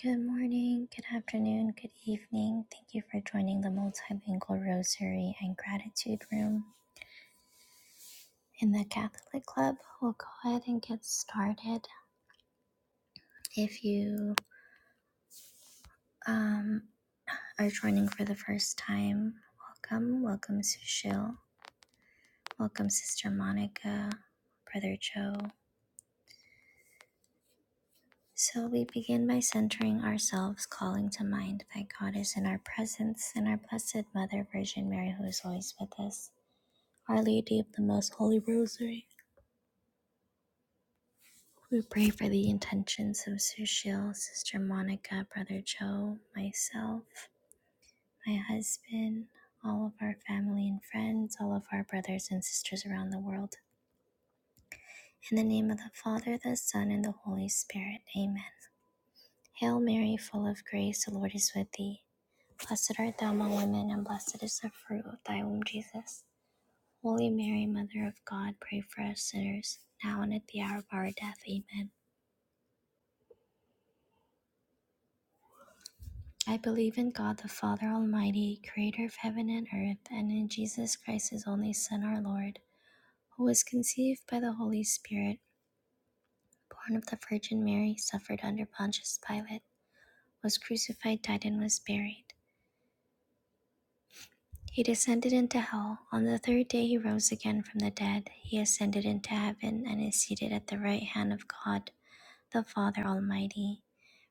Good morning, good afternoon, good evening. Thank you for joining the Multilingual Rosary and Gratitude Room in the Catholic Club. We'll go ahead and get started. If you um, are joining for the first time, welcome. Welcome, Sushil. Welcome, Sister Monica, Brother Joe. So we begin by centering ourselves, calling to mind that God is in our presence and our Blessed Mother Virgin Mary, who is always with us. Our Lady of the Most Holy Rosary, we pray for the intentions of Sushil, Sister Monica, Brother Joe, myself, my husband, all of our family and friends, all of our brothers and sisters around the world. In the name of the Father, the Son, and the Holy Spirit. Amen. Hail Mary, full of grace, the Lord is with thee. Blessed art thou among women, and blessed is the fruit of thy womb, Jesus. Holy Mary, Mother of God, pray for us sinners, now and at the hour of our death. Amen. I believe in God the Father Almighty, creator of heaven and earth, and in Jesus Christ, his only Son, our Lord, who was conceived by the Holy Spirit, born of the Virgin Mary, suffered under Pontius Pilate, was crucified, died, and was buried. He descended into hell. On the third day, he rose again from the dead. He ascended into heaven and is seated at the right hand of God the Father Almighty.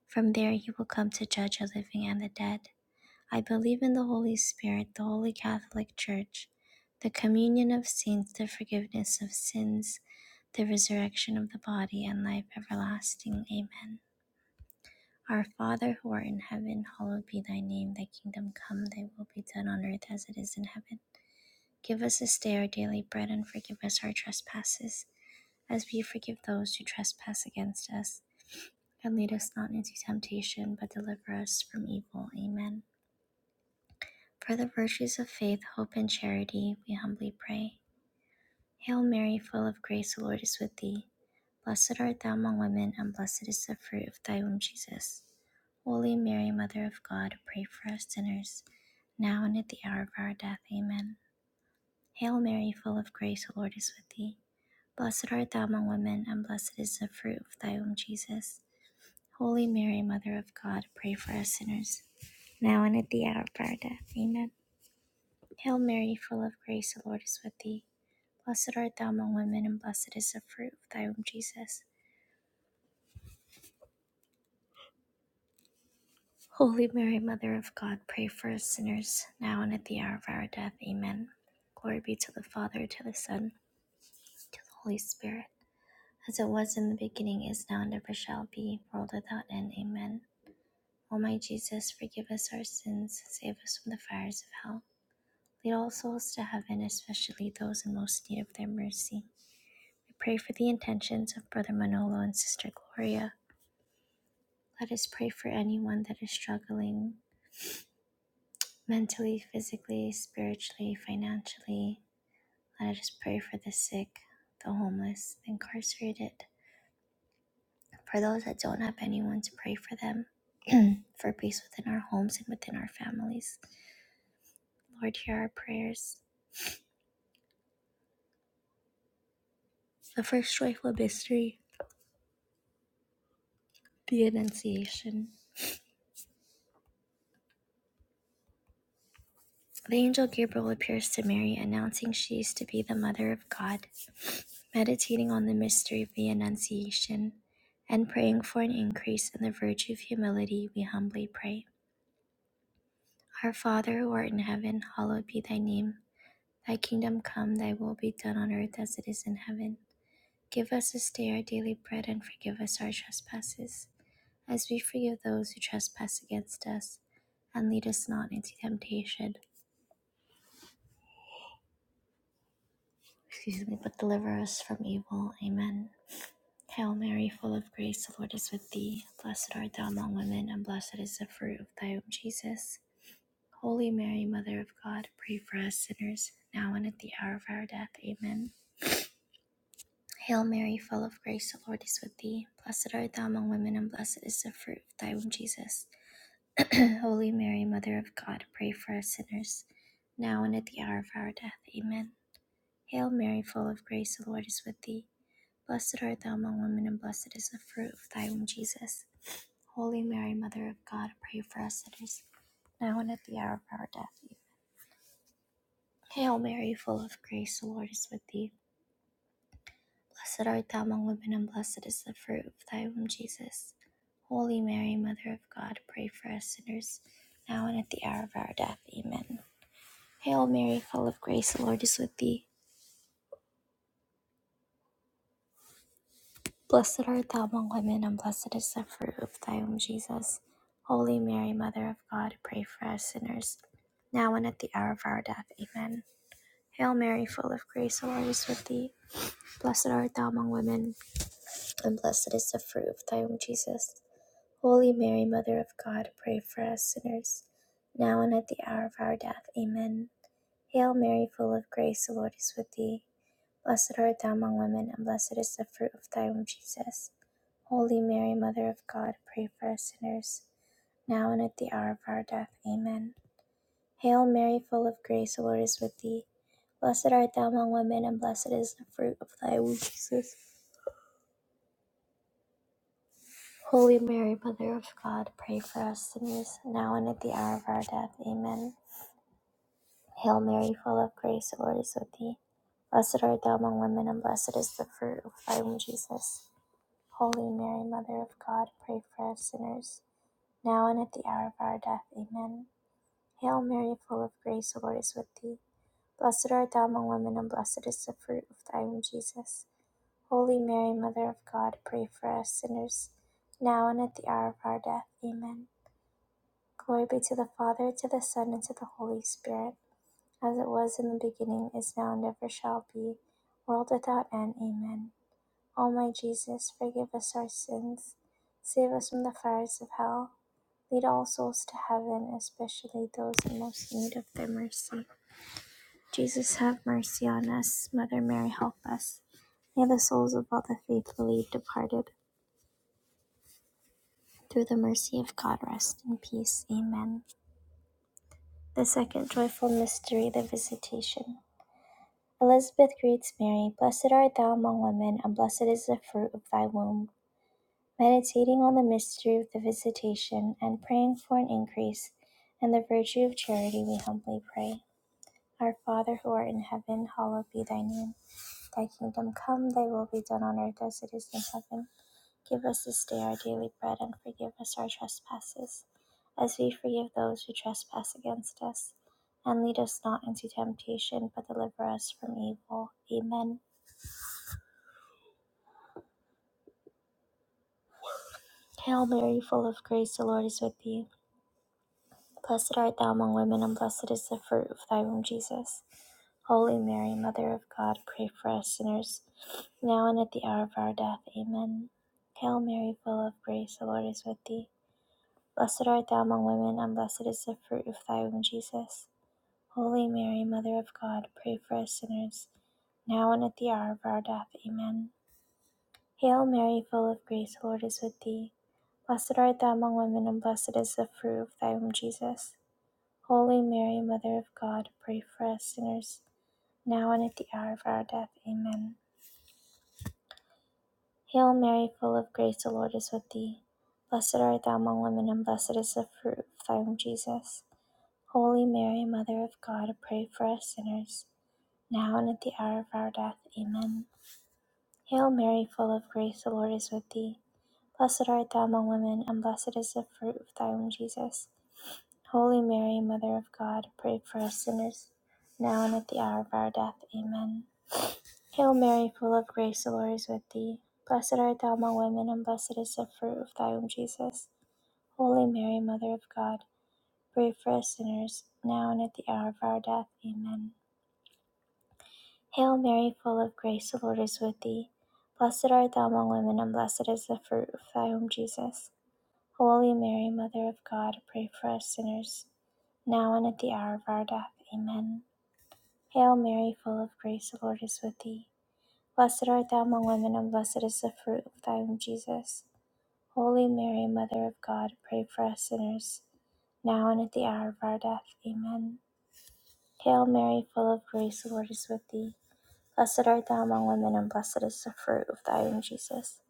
From there, he will come to judge the living and the dead. I believe in the Holy Spirit, the Holy Catholic Church, the communion of saints, the forgiveness of sins, the resurrection of the body, and life everlasting. Amen. Our Father who art in heaven, hallowed be thy name. Thy kingdom come, thy will be done on earth as it is in heaven. Give us this day our daily bread, and forgive us our trespasses, as we forgive those who trespass against us. And lead us not into temptation, but deliver us from evil. Amen. For the virtues of faith, hope, and charity, we humbly pray. Hail Mary, full of grace, the Lord is with thee. Blessed art thou among women, and blessed is the fruit of thy womb, Jesus. Holy Mary, Mother of God, pray for us sinners, now and at the hour of our death. Amen. Hail Mary, full of grace, the Lord is with thee. Blessed art thou among women, and blessed is the fruit of thy womb, Jesus. Holy Mary, Mother of God, pray for us sinners, now and at the hour of our death. Amen. Hail Mary, full of grace, the Lord is with thee. Blessed art thou among women, and blessed is the fruit of thy womb, Jesus. Holy Mary, Mother of God, pray for us sinners, now and at the hour of our death. Amen. Glory be to the Father, to the Son, to the Holy Spirit, as it was in the beginning, is now, and ever shall be, world without end. Amen. O my Jesus, forgive us our sins, save us from the fires of hell. Lead all souls to heaven, especially those in most need of thy mercy. We pray for the intentions of Brother Manolo and Sister Gloria. Let us pray for anyone that is struggling mentally, physically, spiritually, financially. Let us pray for the sick, the homeless, the incarcerated, for those that don't have anyone to pray for them, for peace within our homes and within our families. Lord, hear our prayers. The first joyful mystery, the Annunciation. The angel Gabriel appears to Mary, announcing she is to be the mother of God. meditating on the mystery of the Annunciation, and praying for an increase in the virtue of humility, we humbly pray. Our Father who art in heaven, hallowed be thy name. Thy kingdom come, thy will be done on earth as it is in heaven. Give us this day our daily bread and forgive us our trespasses, as we forgive those who trespass against us. And lead us not into temptation, excuse me, but deliver us from evil. Amen. Hail Mary, full of grace, the Lord is with thee. Blessed art thou among women, and blessed is the fruit of thy womb, Jesus. Holy Mary, Mother of God, pray for us sinners, now and at the hour of our death. Amen. Hail Mary, full of grace, the Lord is with thee. Blessed art thou among women, and blessed is the fruit of thy womb, Jesus. Holy Mary, Mother of God, pray for us sinners, now and at the hour of our death. Amen. Hail Mary, full of grace, the Lord is with thee. Blessed art thou among women, and blessed is the fruit of thy womb, Jesus. Holy Mary, Mother of God, pray for us sinners, now and at the hour of our death. Amen. Hail Mary, full of grace, the Lord is with thee. Blessed art thou among women, and blessed is the fruit of thy womb, Jesus. Holy Mary, Mother of God, pray for us sinners, now and at the hour of our death. Amen. Hail Mary, full of grace, the Lord is with thee. Blessed art thou among women, and blessed is the fruit of thy womb, Jesus. Holy Mary, Mother of God, pray for us sinners, now and at the hour of our death. Amen. Hail Mary, full of grace, the Lord is with thee. Blessed art thou among women, and blessed is the fruit of thy womb, Jesus. Holy Mary, Mother of God, pray for us sinners, now and at the hour of our death. Amen. Hail Mary, full of grace, the Lord is with thee. Blessed art thou among women, and blessed is the fruit of thy womb, Jesus. Holy Mary, Mother of God, pray for us sinners, now and at the hour of our death. Amen. Hail Mary, full of grace, the Lord is with thee. Blessed art thou among women, and blessed is the fruit of thy womb, Jesus. Holy Mary, Mother of God, pray for us sinners, now and at the hour of our death. Amen. Hail Mary, full of grace, the Lord is with thee. Blessed art thou among women, and blessed is the fruit of thy womb, Jesus. Holy Mary, Mother of God, pray for us sinners, now and at the hour of our death. Amen. Hail Mary, full of grace, the Lord is with thee. Blessed art thou among women, and blessed is the fruit of thy womb, Jesus. Holy Mary, Mother of God, pray for us sinners, now and at the hour of our death. Amen. Glory be to the Father, to the Son, and to the Holy Spirit, as it was in the beginning, is now, and ever shall be, world without end. Amen. O my Jesus, forgive us our sins, save us from the fires of hell, lead all souls to heaven, especially those in most need of thy mercy. Jesus have mercy on us. Mother Mary, help us. May the souls of all the faithfully departed, through the mercy of God, rest in peace. Amen. The second joyful mystery, the Visitation. Elizabeth greets Mary, Blessed art thou among women, and blessed is the fruit of thy womb. Meditating on the mystery of the Visitation and praying for an increase in the virtue of charity, we humbly pray. Our Father who art in heaven, hallowed be thy name. Thy kingdom come, thy will be done on earth as it is in heaven. Give us this day our daily bread and forgive us our trespasses, as we forgive those who trespass against us. And lead us not into temptation, but deliver us from evil. Amen. Hail Mary, full of grace, the Lord is with thee. Blessed art thou among women, and blessed is the fruit of thy womb, Jesus. Holy Mary, Mother of God, pray for us sinners, now and at the hour of our death. Amen. Hail Mary, full of grace, the Lord is with thee. Blessed art thou among women, and blessed is the fruit of thy womb, Jesus. Holy Mary, Mother of God, pray for us sinners, now and at the hour of our death. Amen. Hail Mary, full of grace, the Lord is with thee. Blessed art thou among women, and blessed is the fruit of thy womb, Jesus. Holy Mary, Mother of God, pray for us sinners, now and at the hour of our death. Amen. Hail Mary, full of grace, the Lord is with thee. Blessed art thou among women, and blessed is the fruit of thy womb, Jesus. Holy Mary, Mother of God, pray for us sinners, now and at the hour of our death. Amen. Hail Mary, full of grace, the Lord is with thee. Blessed art thou among women, and blessed is the fruit of thy womb, Jesus. Holy Mary, Mother of God, pray for us sinners, now and at the hour of our death. Amen. Hail Mary, full of grace, the Lord is with thee. Blessed art thou among women, and blessed is the fruit of thy womb, Jesus. Holy Mary, Mother of God, pray for us sinners, now and at the hour of our death. Amen. Hail Mary, full of grace, the Lord is with thee. Blessed art thou among women, and blessed is the fruit of thy womb, Jesus. Holy Mary, Mother of God, pray for us sinners, now and at the hour of our death. Amen. Hail Mary, full of grace, the Lord is with thee. Blessed art thou among women, and blessed is the fruit of thy womb, Jesus. Holy Mary, Mother of God, pray for us sinners, now and at the hour of our death. Amen. Hail Mary, full of grace, the Lord is with thee. Blessed art thou among women, and blessed is the fruit of thy womb, Jesus.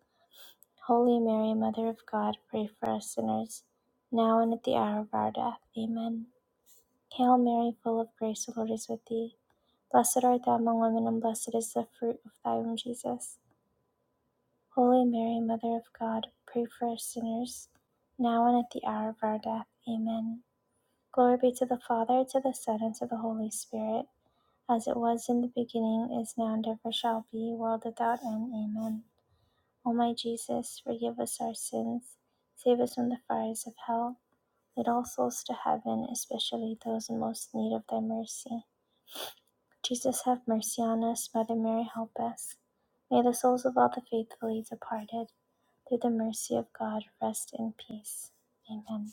Holy Mary, Mother of God, pray for us sinners, now and at the hour of our death. Amen. Hail Mary, full of grace, the Lord is with thee. Blessed art thou among women, and blessed is the fruit of thy womb, Jesus. Holy Mary, Mother of God, pray for us sinners, now and at the hour of our death. Amen. Glory be to the Father, to the Son, and to the Holy Spirit, as it was in the beginning, is now, and ever shall be, world without end. Amen. O my Jesus, forgive us our sins, save us from the fires of hell, lead all souls to heaven, especially those in most need of thy mercy. Jesus, have mercy on us. Mother Mary, help us. May the souls of all the faithfully departed, through the mercy of God, rest in peace. Amen.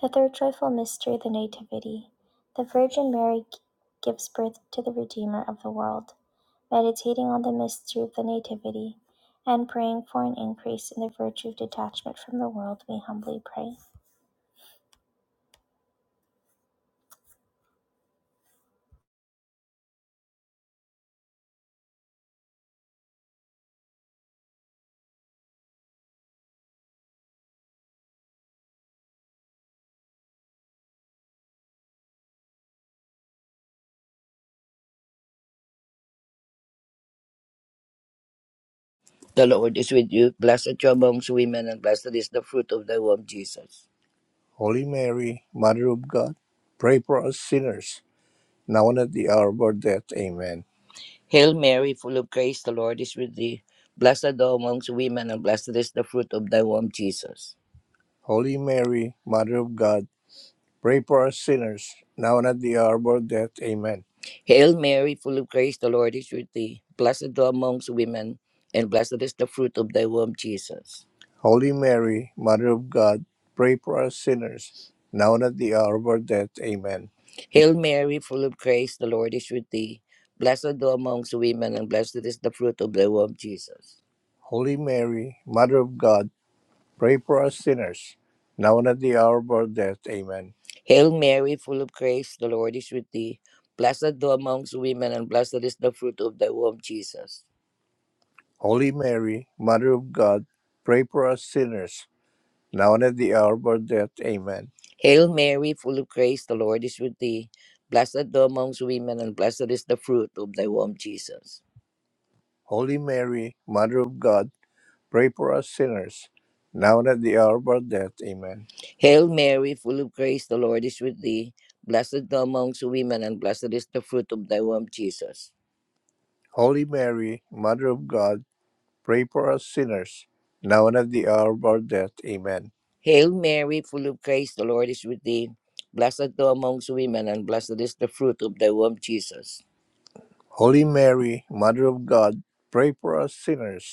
The third joyful mystery, the Nativity. The Virgin Mary gives birth to the Redeemer of the world. meditating on the mystery of the Nativity, and praying for an increase in the virtue of detachment from the world, we humbly pray. The Lord is with you. Blessed you amongst women, and blessed is the fruit of thy womb, Jesus. Holy Mary, Mother of God, pray for us sinners, now and at the hour of our death. Amen. Hail Mary, full of grace, the Lord is with thee. Blessed thou amongst women, and blessed is the fruit of thy womb, Jesus. Holy Mary, Mother of God, Pray for us sinners, now and at the hour of our death. Amen. Hail Mary, full of grace, the Lord is with thee. Blessed thou amongst women, and blessed is the fruit of thy womb, Jesus. Holy Mary, Mother of God, pray for us sinners, now and at the hour of our death. Amen. Hail Mary, full of grace, the Lord is with thee. Blessed thou amongst women, and blessed is the fruit of thy womb, Jesus. Holy Mary, Mother of God, Pray for us sinners, now and at the hour of our death. Amen. Hail Mary, full of grace, the Lord is with thee. Blessed thou amongst women, and blessed is the fruit of thy womb, Jesus. Holy Mary, Mother of God, pray for us sinners, now and at the hour of our death. Amen. Hail Mary, full of grace, the Lord is with thee. Blessed thou amongst women, and blessed is the fruit of thy womb, Jesus. Holy Mary, Mother of God, Pray for us sinners, now and at the hour of our death. Amen. Hail Mary, full of grace, the Lord is with thee. Blessed thou amongst women, and blessed is the fruit of thy womb, Jesus. Holy Mary, Mother of God, pray for us sinners, now and at the hour of our death. Amen. Hail Mary, full of grace, the Lord is with thee. Blessed thou amongst women, and blessed is the fruit of thy womb, Jesus. Holy Mary, Mother of God, pray for us sinners,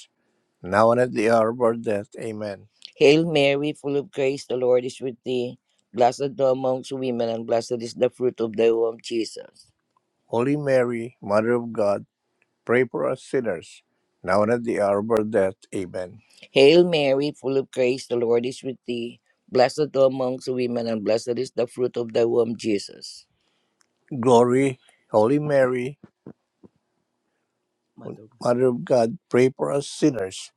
now and at the hour of our death. Amen. Hail Mary, full of grace, the Lord is with thee. Blessed thou amongst women, and blessed is the fruit of thy womb, Jesus. Holy Mary, Mother of God, pray for us sinners, now and at the hour of our death. Amen. Hail Mary, full of grace, the Lord is with thee. Blessed thou amongst women, and blessed is the fruit of thy womb, Jesus. Glory, Holy Mary, Mother of God. Mother of God, pray for us sinners,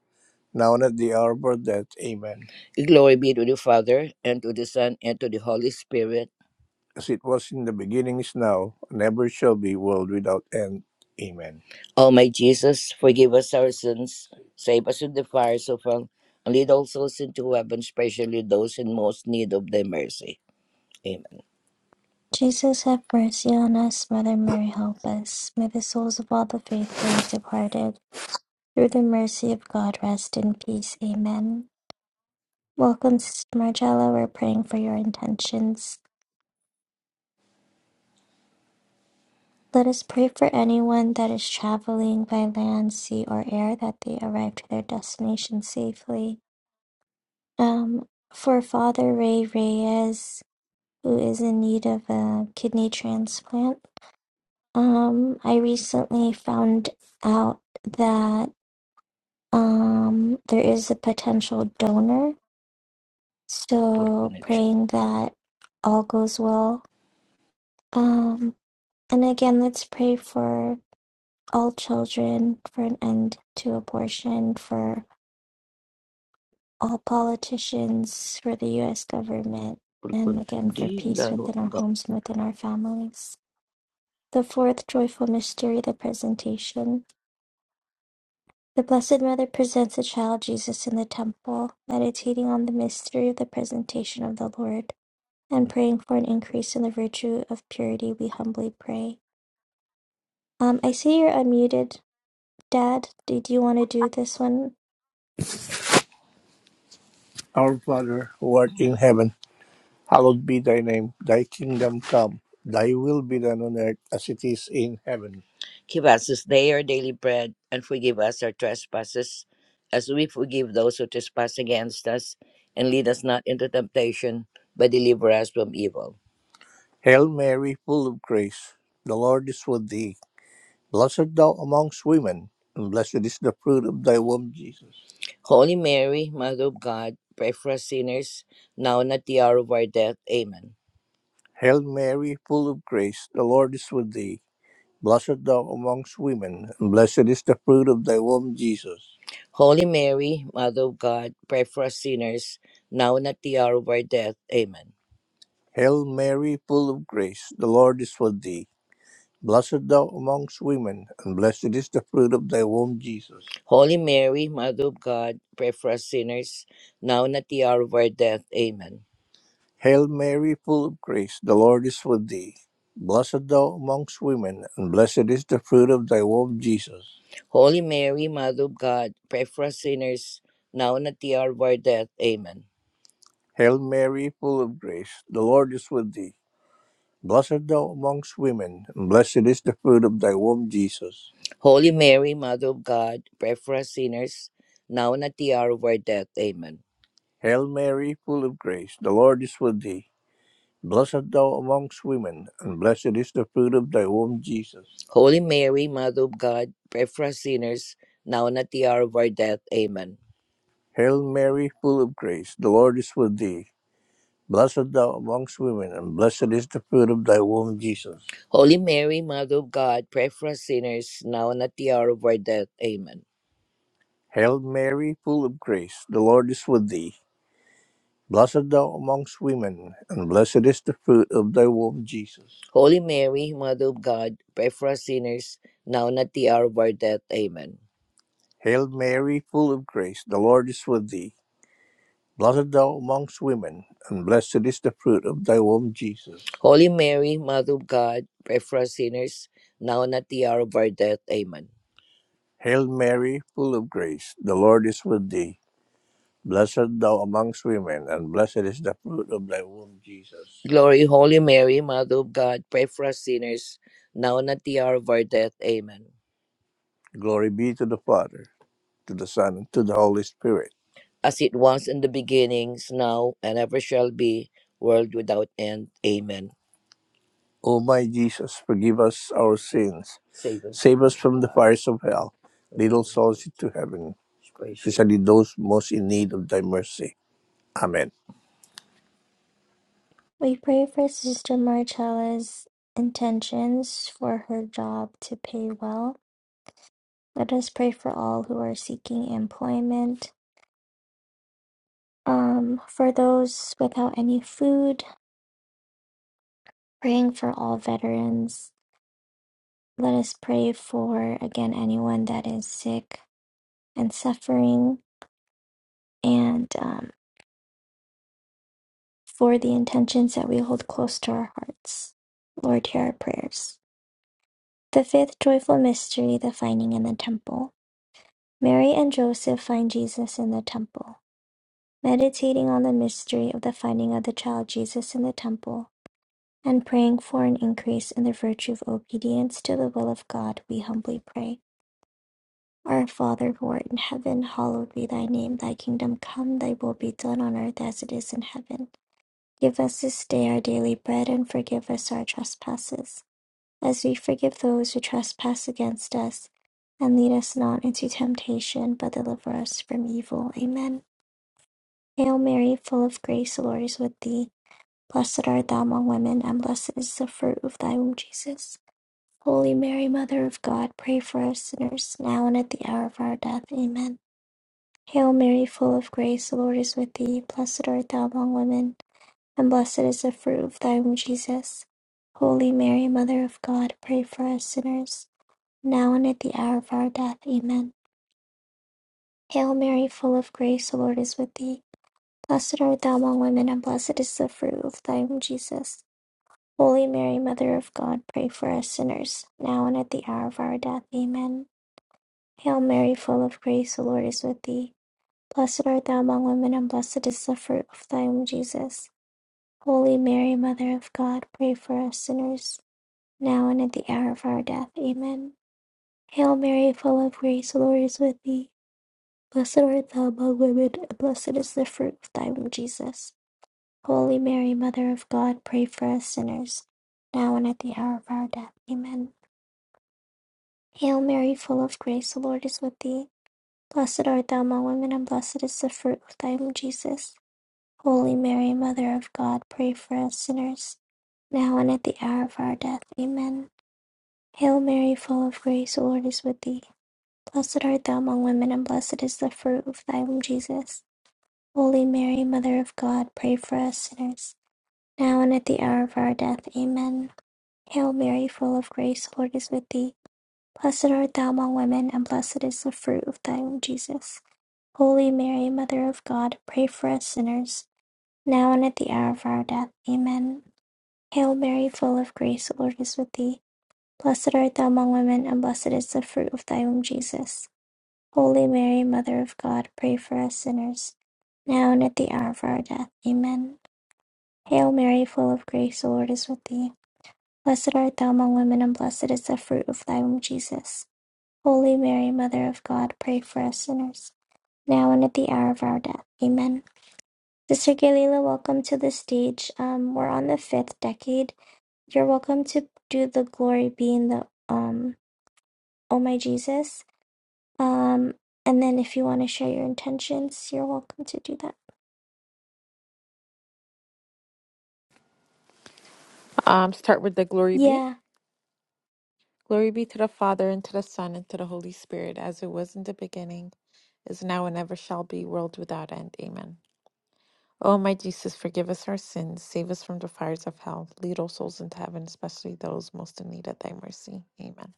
now and at the hour of our death. Amen. Glory be to the Father, and to the Son, and to the Holy Spirit. As it was in the beginning, is now, and ever shall be, world without end. Amen. O my Jesus, forgive us our sins, save us from the fires of hell, and lead all souls into heaven, especially those in most need of thy mercy. Amen. Jesus, have mercy on us. Mother Mary, help us. May the souls of all the faithfully departed, through the mercy of God, rest in peace. Amen. Welcome, Sister Marcella. We're praying for your intentions. Let us pray for anyone that is traveling by land, sea, or air that they arrive to their destination safely. Um, for Father Ray Reyes, who is in need of a kidney transplant. Um, I recently found out that um, there is a potential donor, Poor so connection. praying that all goes well. Um, and again, let's pray for all children, for an end to abortion, for all politicians, for the U.S. government, Poor and connection. again, for Di, peace gano, within our gano. homes and within our families. The fourth joyful mystery, the Presentation. The Blessed Mother presents the child Jesus in the temple, meditating on the mystery of the presentation of the Lord and praying for an increase in the virtue of purity, we humbly pray. Um, I see you're unmuted, Dad. Did you want to do this one? Our Father, who art in heaven, Hallowed be thy name, thy kingdom come, thy will be done on earth as it is in heaven. Give us this day our daily bread, and forgive us our trespasses, as we forgive those who trespass against us. And lead us not into temptation, but deliver us from evil. Hail Mary, full of grace, the Lord is with thee. Blessed art thou amongst women, and blessed is the fruit of thy womb, Jesus. Holy Mary, Mother of God, pray for us sinners, now and at the hour of our death. Amen. Hail Mary, full of grace, the Lord is with thee. Blessed thou amongst women, and blessed is the fruit of thy womb, Jesus. Holy Mary, Mother of God, pray for us sinners, now and at the hour of our death. Amen. Hail Mary, full of grace, the Lord is with thee. Blessed thou amongst women, and blessed is the fruit of thy womb, Jesus. Holy Mary, Mother of God, pray for us sinners, now and at the hour of our death. Amen. Hail Mary, full of grace, the Lord is with thee. Blessed thou amongst women, and blessed is the fruit of thy womb, Jesus. Holy Mary, Mother of God, pray for us sinners, now and at the hour of our death. Amen. Hail Mary, full of grace, the Lord is with thee. Blessed thou amongst women, and blessed is the fruit of thy womb, Jesus. Holy Mary, Mother of God, pray for us sinners, now and at the hour of our death. Amen. Hail Mary, full of grace, the Lord is with thee. Blessed art thou amongst women, and blessed is the fruit of thy womb, Jesus. Holy Mary, Mother of God, pray for us sinners, now and at the hour of our death. Amen. Hail Mary, full of grace, the Lord is with thee. Blessed art thou amongst women, and blessed is the fruit of thy womb, Jesus. Holy Mary, Mother of God, pray for us sinners, now and at the hour of our death. Amen. Hail Mary, full of grace, the Lord is with thee. Blessed thou amongst women, and blessed is the fruit of thy womb, Jesus. Holy Mary, Mother of God, pray for us sinners, now and at the hour of our death. Amen. Hail Mary, full of grace, the Lord is with thee. Blessed thou amongst women, and blessed is the fruit of thy womb, Jesus. Holy Mary, Mother of God, pray for us sinners, now and at the hour of our death. Amen. Hail Mary, full of grace, the Lord is with thee. Blessed thou amongst women, and blessed is the fruit of thy womb, Jesus. Glory, Holy Mary, Mother of God, pray for us sinners, now and at the hour of our death. Amen. Glory be to the Father, to the Son, and to the Holy Spirit. As it was in the beginnings, now, and ever shall be, world without end. Amen. O my Jesus, forgive us our sins. Save us Save from us from the fires of hell. Lead all the souls to heaven, especially those most in need of thy mercy. Amen. We pray for Sister Marcella's intentions for her job to pay well. Let us pray for all who are seeking employment um, for those without any food, Praying for all veterans. Let us pray for, again, anyone that is sick and suffering, and um, for the intentions that we hold close to our hearts. Lord, hear our prayers. The fifth joyful mystery, the finding in the temple. Mary and Joseph find Jesus in the temple. Meditating on the mystery of the finding of the child Jesus in the temple, and praying for an increase in the virtue of obedience to the will of God, we humbly pray. Our Father who art in heaven, hallowed be thy name. Thy kingdom come, thy will be done on earth as it is in heaven. Give us this day our daily bread and forgive us our trespasses, as we forgive those who trespass against us. And lead us not into temptation, but deliver us from evil. Amen. Hail Mary, full of grace, the Lord is with thee. Blessed art thou among women, and blessed is the fruit of thy womb, Jesus. Holy Mary, Mother of God, pray for us sinners, now and at the hour of our death. Amen. Hail Mary, full of grace, the Lord is with thee. Blessed art thou among women, and blessed is the fruit of thy womb, Jesus. Holy Mary, Mother of God, pray for us sinners, now and at the hour of our death. Amen. Hail Mary, full of grace, the Lord is with thee. Blessed art thou among women, and blessed is the fruit of thy womb, Jesus. Holy Mary, Mother of God, pray for us sinners, now and at the hour of our death. Amen. Hail Mary, full of grace, the Lord is with thee. Blessed art thou among women, and blessed is the fruit of thy womb, Jesus. Holy Mary, Mother of God, pray for us sinners, now and at the hour of our death. Amen. Hail Mary, full of grace, the Lord is with thee. Blessed art thou among women, and blessed is the fruit of thy womb, Jesus. Holy Mary, Mother of God, pray for us sinners, now and at the hour of our death. Amen. Hail Mary, full of grace, the Lord is with thee. Blessed art thou among women, and blessed is the fruit of thy womb, Jesus. Holy Mary, Mother of God, pray for us sinners, now and at the hour of our death. Amen. Hail Mary, full of grace, the Lord is with thee. Blessed art thou among women, and blessed is the fruit of thy womb, Jesus. Holy Mary, Mother of God, pray for us sinners, now and at the hour of our death. Amen. Hail Mary, full of grace, the Lord is with thee. Blessed art thou among women, and blessed is the fruit of thy womb, Jesus. Holy Mary, Mother of God, pray for us sinners, now and at the hour of our death. Amen. Hail Mary, full of grace, the Lord is with thee. Blessed art thou among women, and blessed is the fruit of thy womb, Jesus. Holy Mary, Mother of God, pray for us sinners, now and at the hour of our death. Amen. Hail Mary, full of grace, the Lord is with thee. Blessed art thou among women, and blessed is the fruit of thy womb, Jesus. Holy Mary, Mother of God, pray for us sinners, now and at the hour of our death. Amen. Sister Galila, welcome to the stage. Um, we're on the fifth decade you're welcome to do the glory be in the um oh my jesus um and then if you want to share your intentions you're welcome to do that Um, start with the glory be. yeah Glory be to the Father, and to the Son, and to the Holy Spirit, as it was in the beginning, is now, and ever shall be, world without end. Amen. O my Jesus, forgive us our sins, save us from the fires of hell, lead all souls into heaven, especially those most in need of thy mercy. Amen.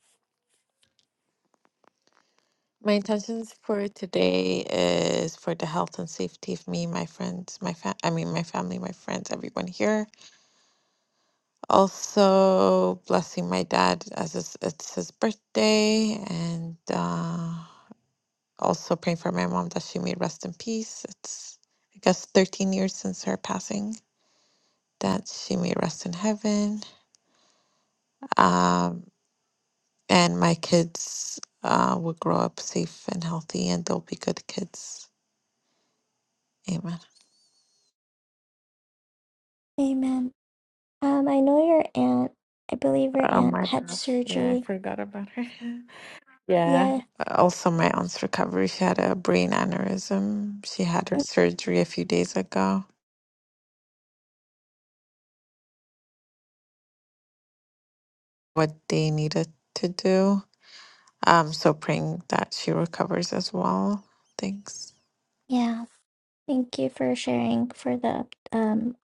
My intentions for today is for the health and safety of me, my friends, my fa- I mean my family, my friends, everyone here. Also blessing my dad as it's, it's his birthday and uh Also praying for my mom that she may rest in peace. It's I guess 13 years since her passing. That she may rest in heaven. Um, and my kids uh, will grow up safe and healthy, and they'll be good kids. Amen. amen um i know your aunt i believe your Oh aunt my had gosh. Yeah, I surgery forgot about her. yeah. yeah Also, my aunt's recovery. She had a brain aneurysm. She had her mm, surgery a few days ago. What they needed to do. Um, so praying that she recovers as well. Thanks. yeah thank you for sharing for the um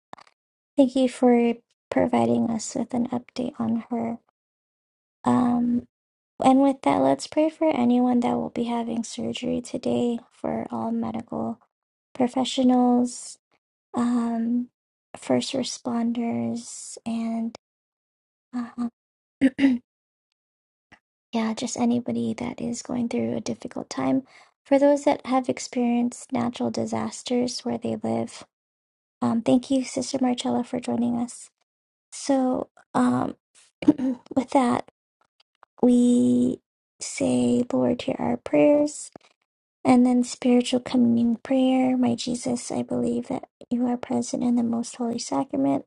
thank you for providing us with an update on her um and with that let's pray for anyone that will be having surgery today for all medical professionals, um, first responders, and uh, yeah, just anybody that is going through a difficult time. For those that have experienced natural disasters where they live, um, thank you, Sister Marcella, for joining us. So, um, with that, we say, Lord, hear our prayers. And then spiritual communion prayer. My Jesus, I believe that you are present in the most holy sacrament.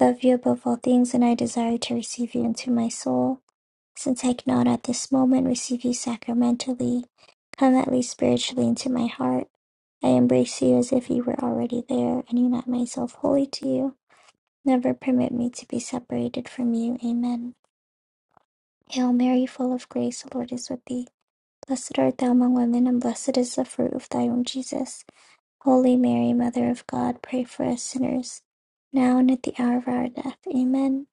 Love you above all things, and I desire to receive you into my soul. Since I cannot at this moment receive you sacramentally, come at least spiritually into my heart. I embrace you as if you were already there, and unite myself wholly to you. Never permit me to be separated from you. Amen. Hail Mary, full of grace, the Lord is with thee. Blessed art thou among women, and blessed is the fruit of thy womb, Jesus. Holy Mary, Mother of God, pray for us sinners, now and at the hour of our death. Amen.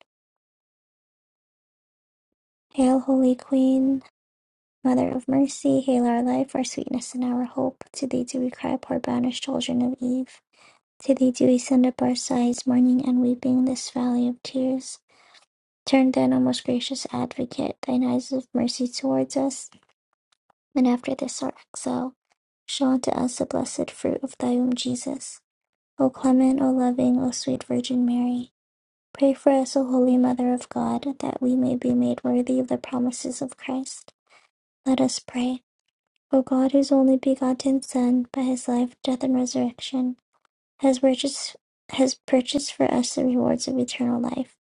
Hail, Holy Queen, Mother of Mercy, hail our life, our sweetness, and our hope. To thee do we cry, poor banished children of Eve. To thee do we send up our sighs, mourning and weeping this valley of tears. Turn then, O most gracious Advocate, thine eyes of mercy towards us, and after this our exile, show unto us the blessed fruit of thy womb, Jesus. O clement, O loving, O sweet Virgin Mary. Pray for us, O Holy Mother of God, that we may be made worthy of the promises of Christ. Let us pray. O God, whose only begotten Son, by his life, death, and resurrection, has purchased, has purchased for us the rewards of eternal life.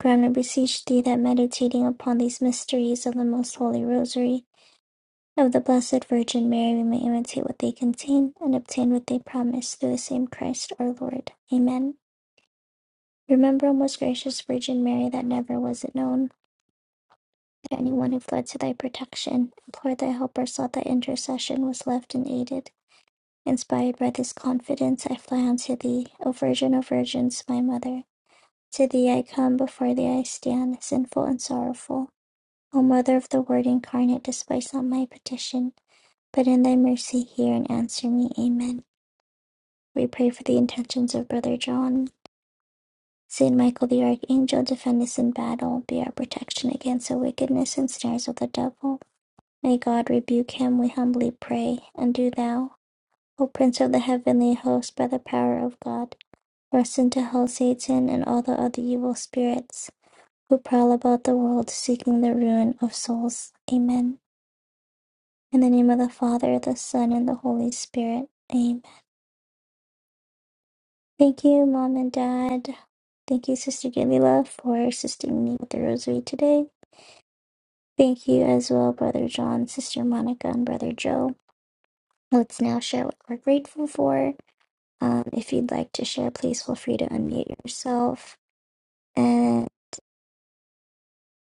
Grant, I beseech thee, that meditating upon these mysteries of the most holy Rosary of the Blessed Virgin Mary, we may imitate what they contain and obtain what they promise through the same Christ our Lord. Amen. Remember, O most gracious Virgin Mary, that never was it known that anyone who fled to thy protection, implored thy help, or sought thy intercession was left unaided. Inspired by this confidence, I fly unto thee. O Virgin, O Virgins, my Mother, to thee I come, before thee I stand, sinful and sorrowful. O Mother of the Word incarnate, despise not my petition, but in thy mercy hear and answer me. Amen. We pray for the intentions of Brother John. Saint Michael the Archangel, defend us in battle, be our protection against the wickedness and snares of the devil. May God rebuke him, we humbly pray, and do thou, O Prince of the heavenly host, by the power of God Cast into hell Satan and all the other evil spirits who prowl about the world seeking the ruin of souls. Amen. In the name of the Father, the Son, and the Holy Spirit. Amen. Thank you, Mom and Dad. Thank you, Sister Galila, for assisting me with the rosary today. Thank you as well, Brother John, Sister Monica, and Brother Joe. Let's now share what we're grateful for. Um, if you'd like to share, please feel free to unmute yourself, and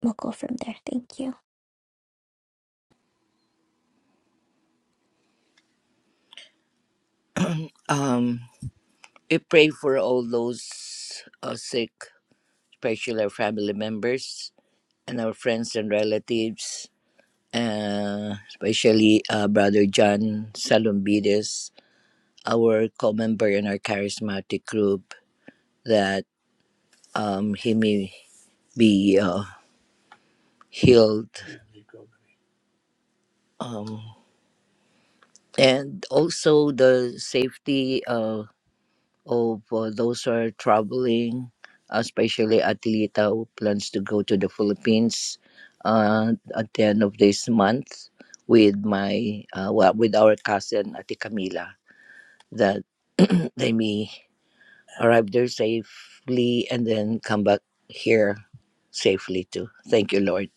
we'll go from there. Thank you. Um, we pray for all those uh, sick, especially our family members and our friends and relatives, uh, especially uh, Brother John Salumbides, our co-member in our charismatic group, that um, he may be uh, healed. Um, and also the safety of uh, those who are traveling, especially Atleta who plans to go to the Philippines uh, at the end of this month with my uh, well, with our cousin Ate Camila that they may arrive there safely and then come back here safely too. Thank you, Lord.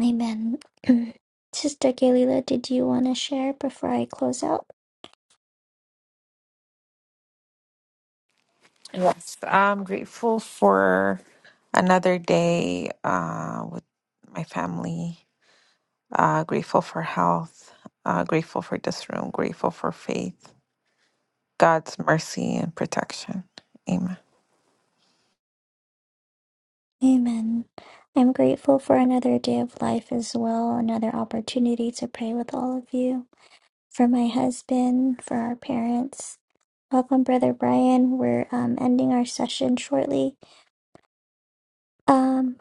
Amen. Sister Galila, did you want to share before I close out? Yes, I'm grateful for another day uh, with my family. Uh, grateful for health. Uh, grateful for this room. Grateful for faith, God's mercy and protection. Amen. Amen. I'm grateful for another day of life as well, another opportunity to pray with all of you, for my husband, for our parents. Welcome, Brother Brian. We're um, ending our session shortly. Um,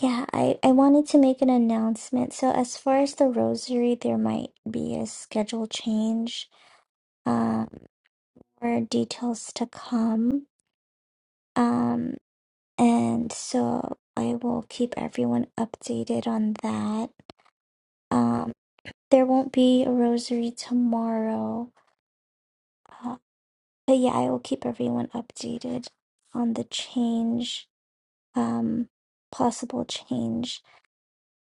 yeah, I, I wanted to make an announcement. So, as far as the rosary, there might be a schedule change, um, or details to come. Um, And so I will keep everyone updated on that. Um, there won't be a rosary tomorrow, uh, but yeah, I will keep everyone updated on the change, um, possible change.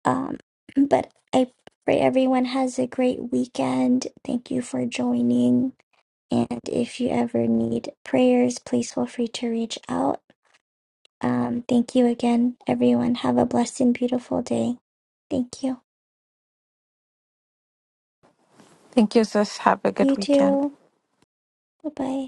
Um, but I pray everyone has a great weekend. Thank you for joining. And if you ever need prayers, please feel free to reach out. Um, thank you again, everyone. Have a blessed and beautiful day. Thank you. Thank you, sis. Have a you good weekend. too. Bye bye.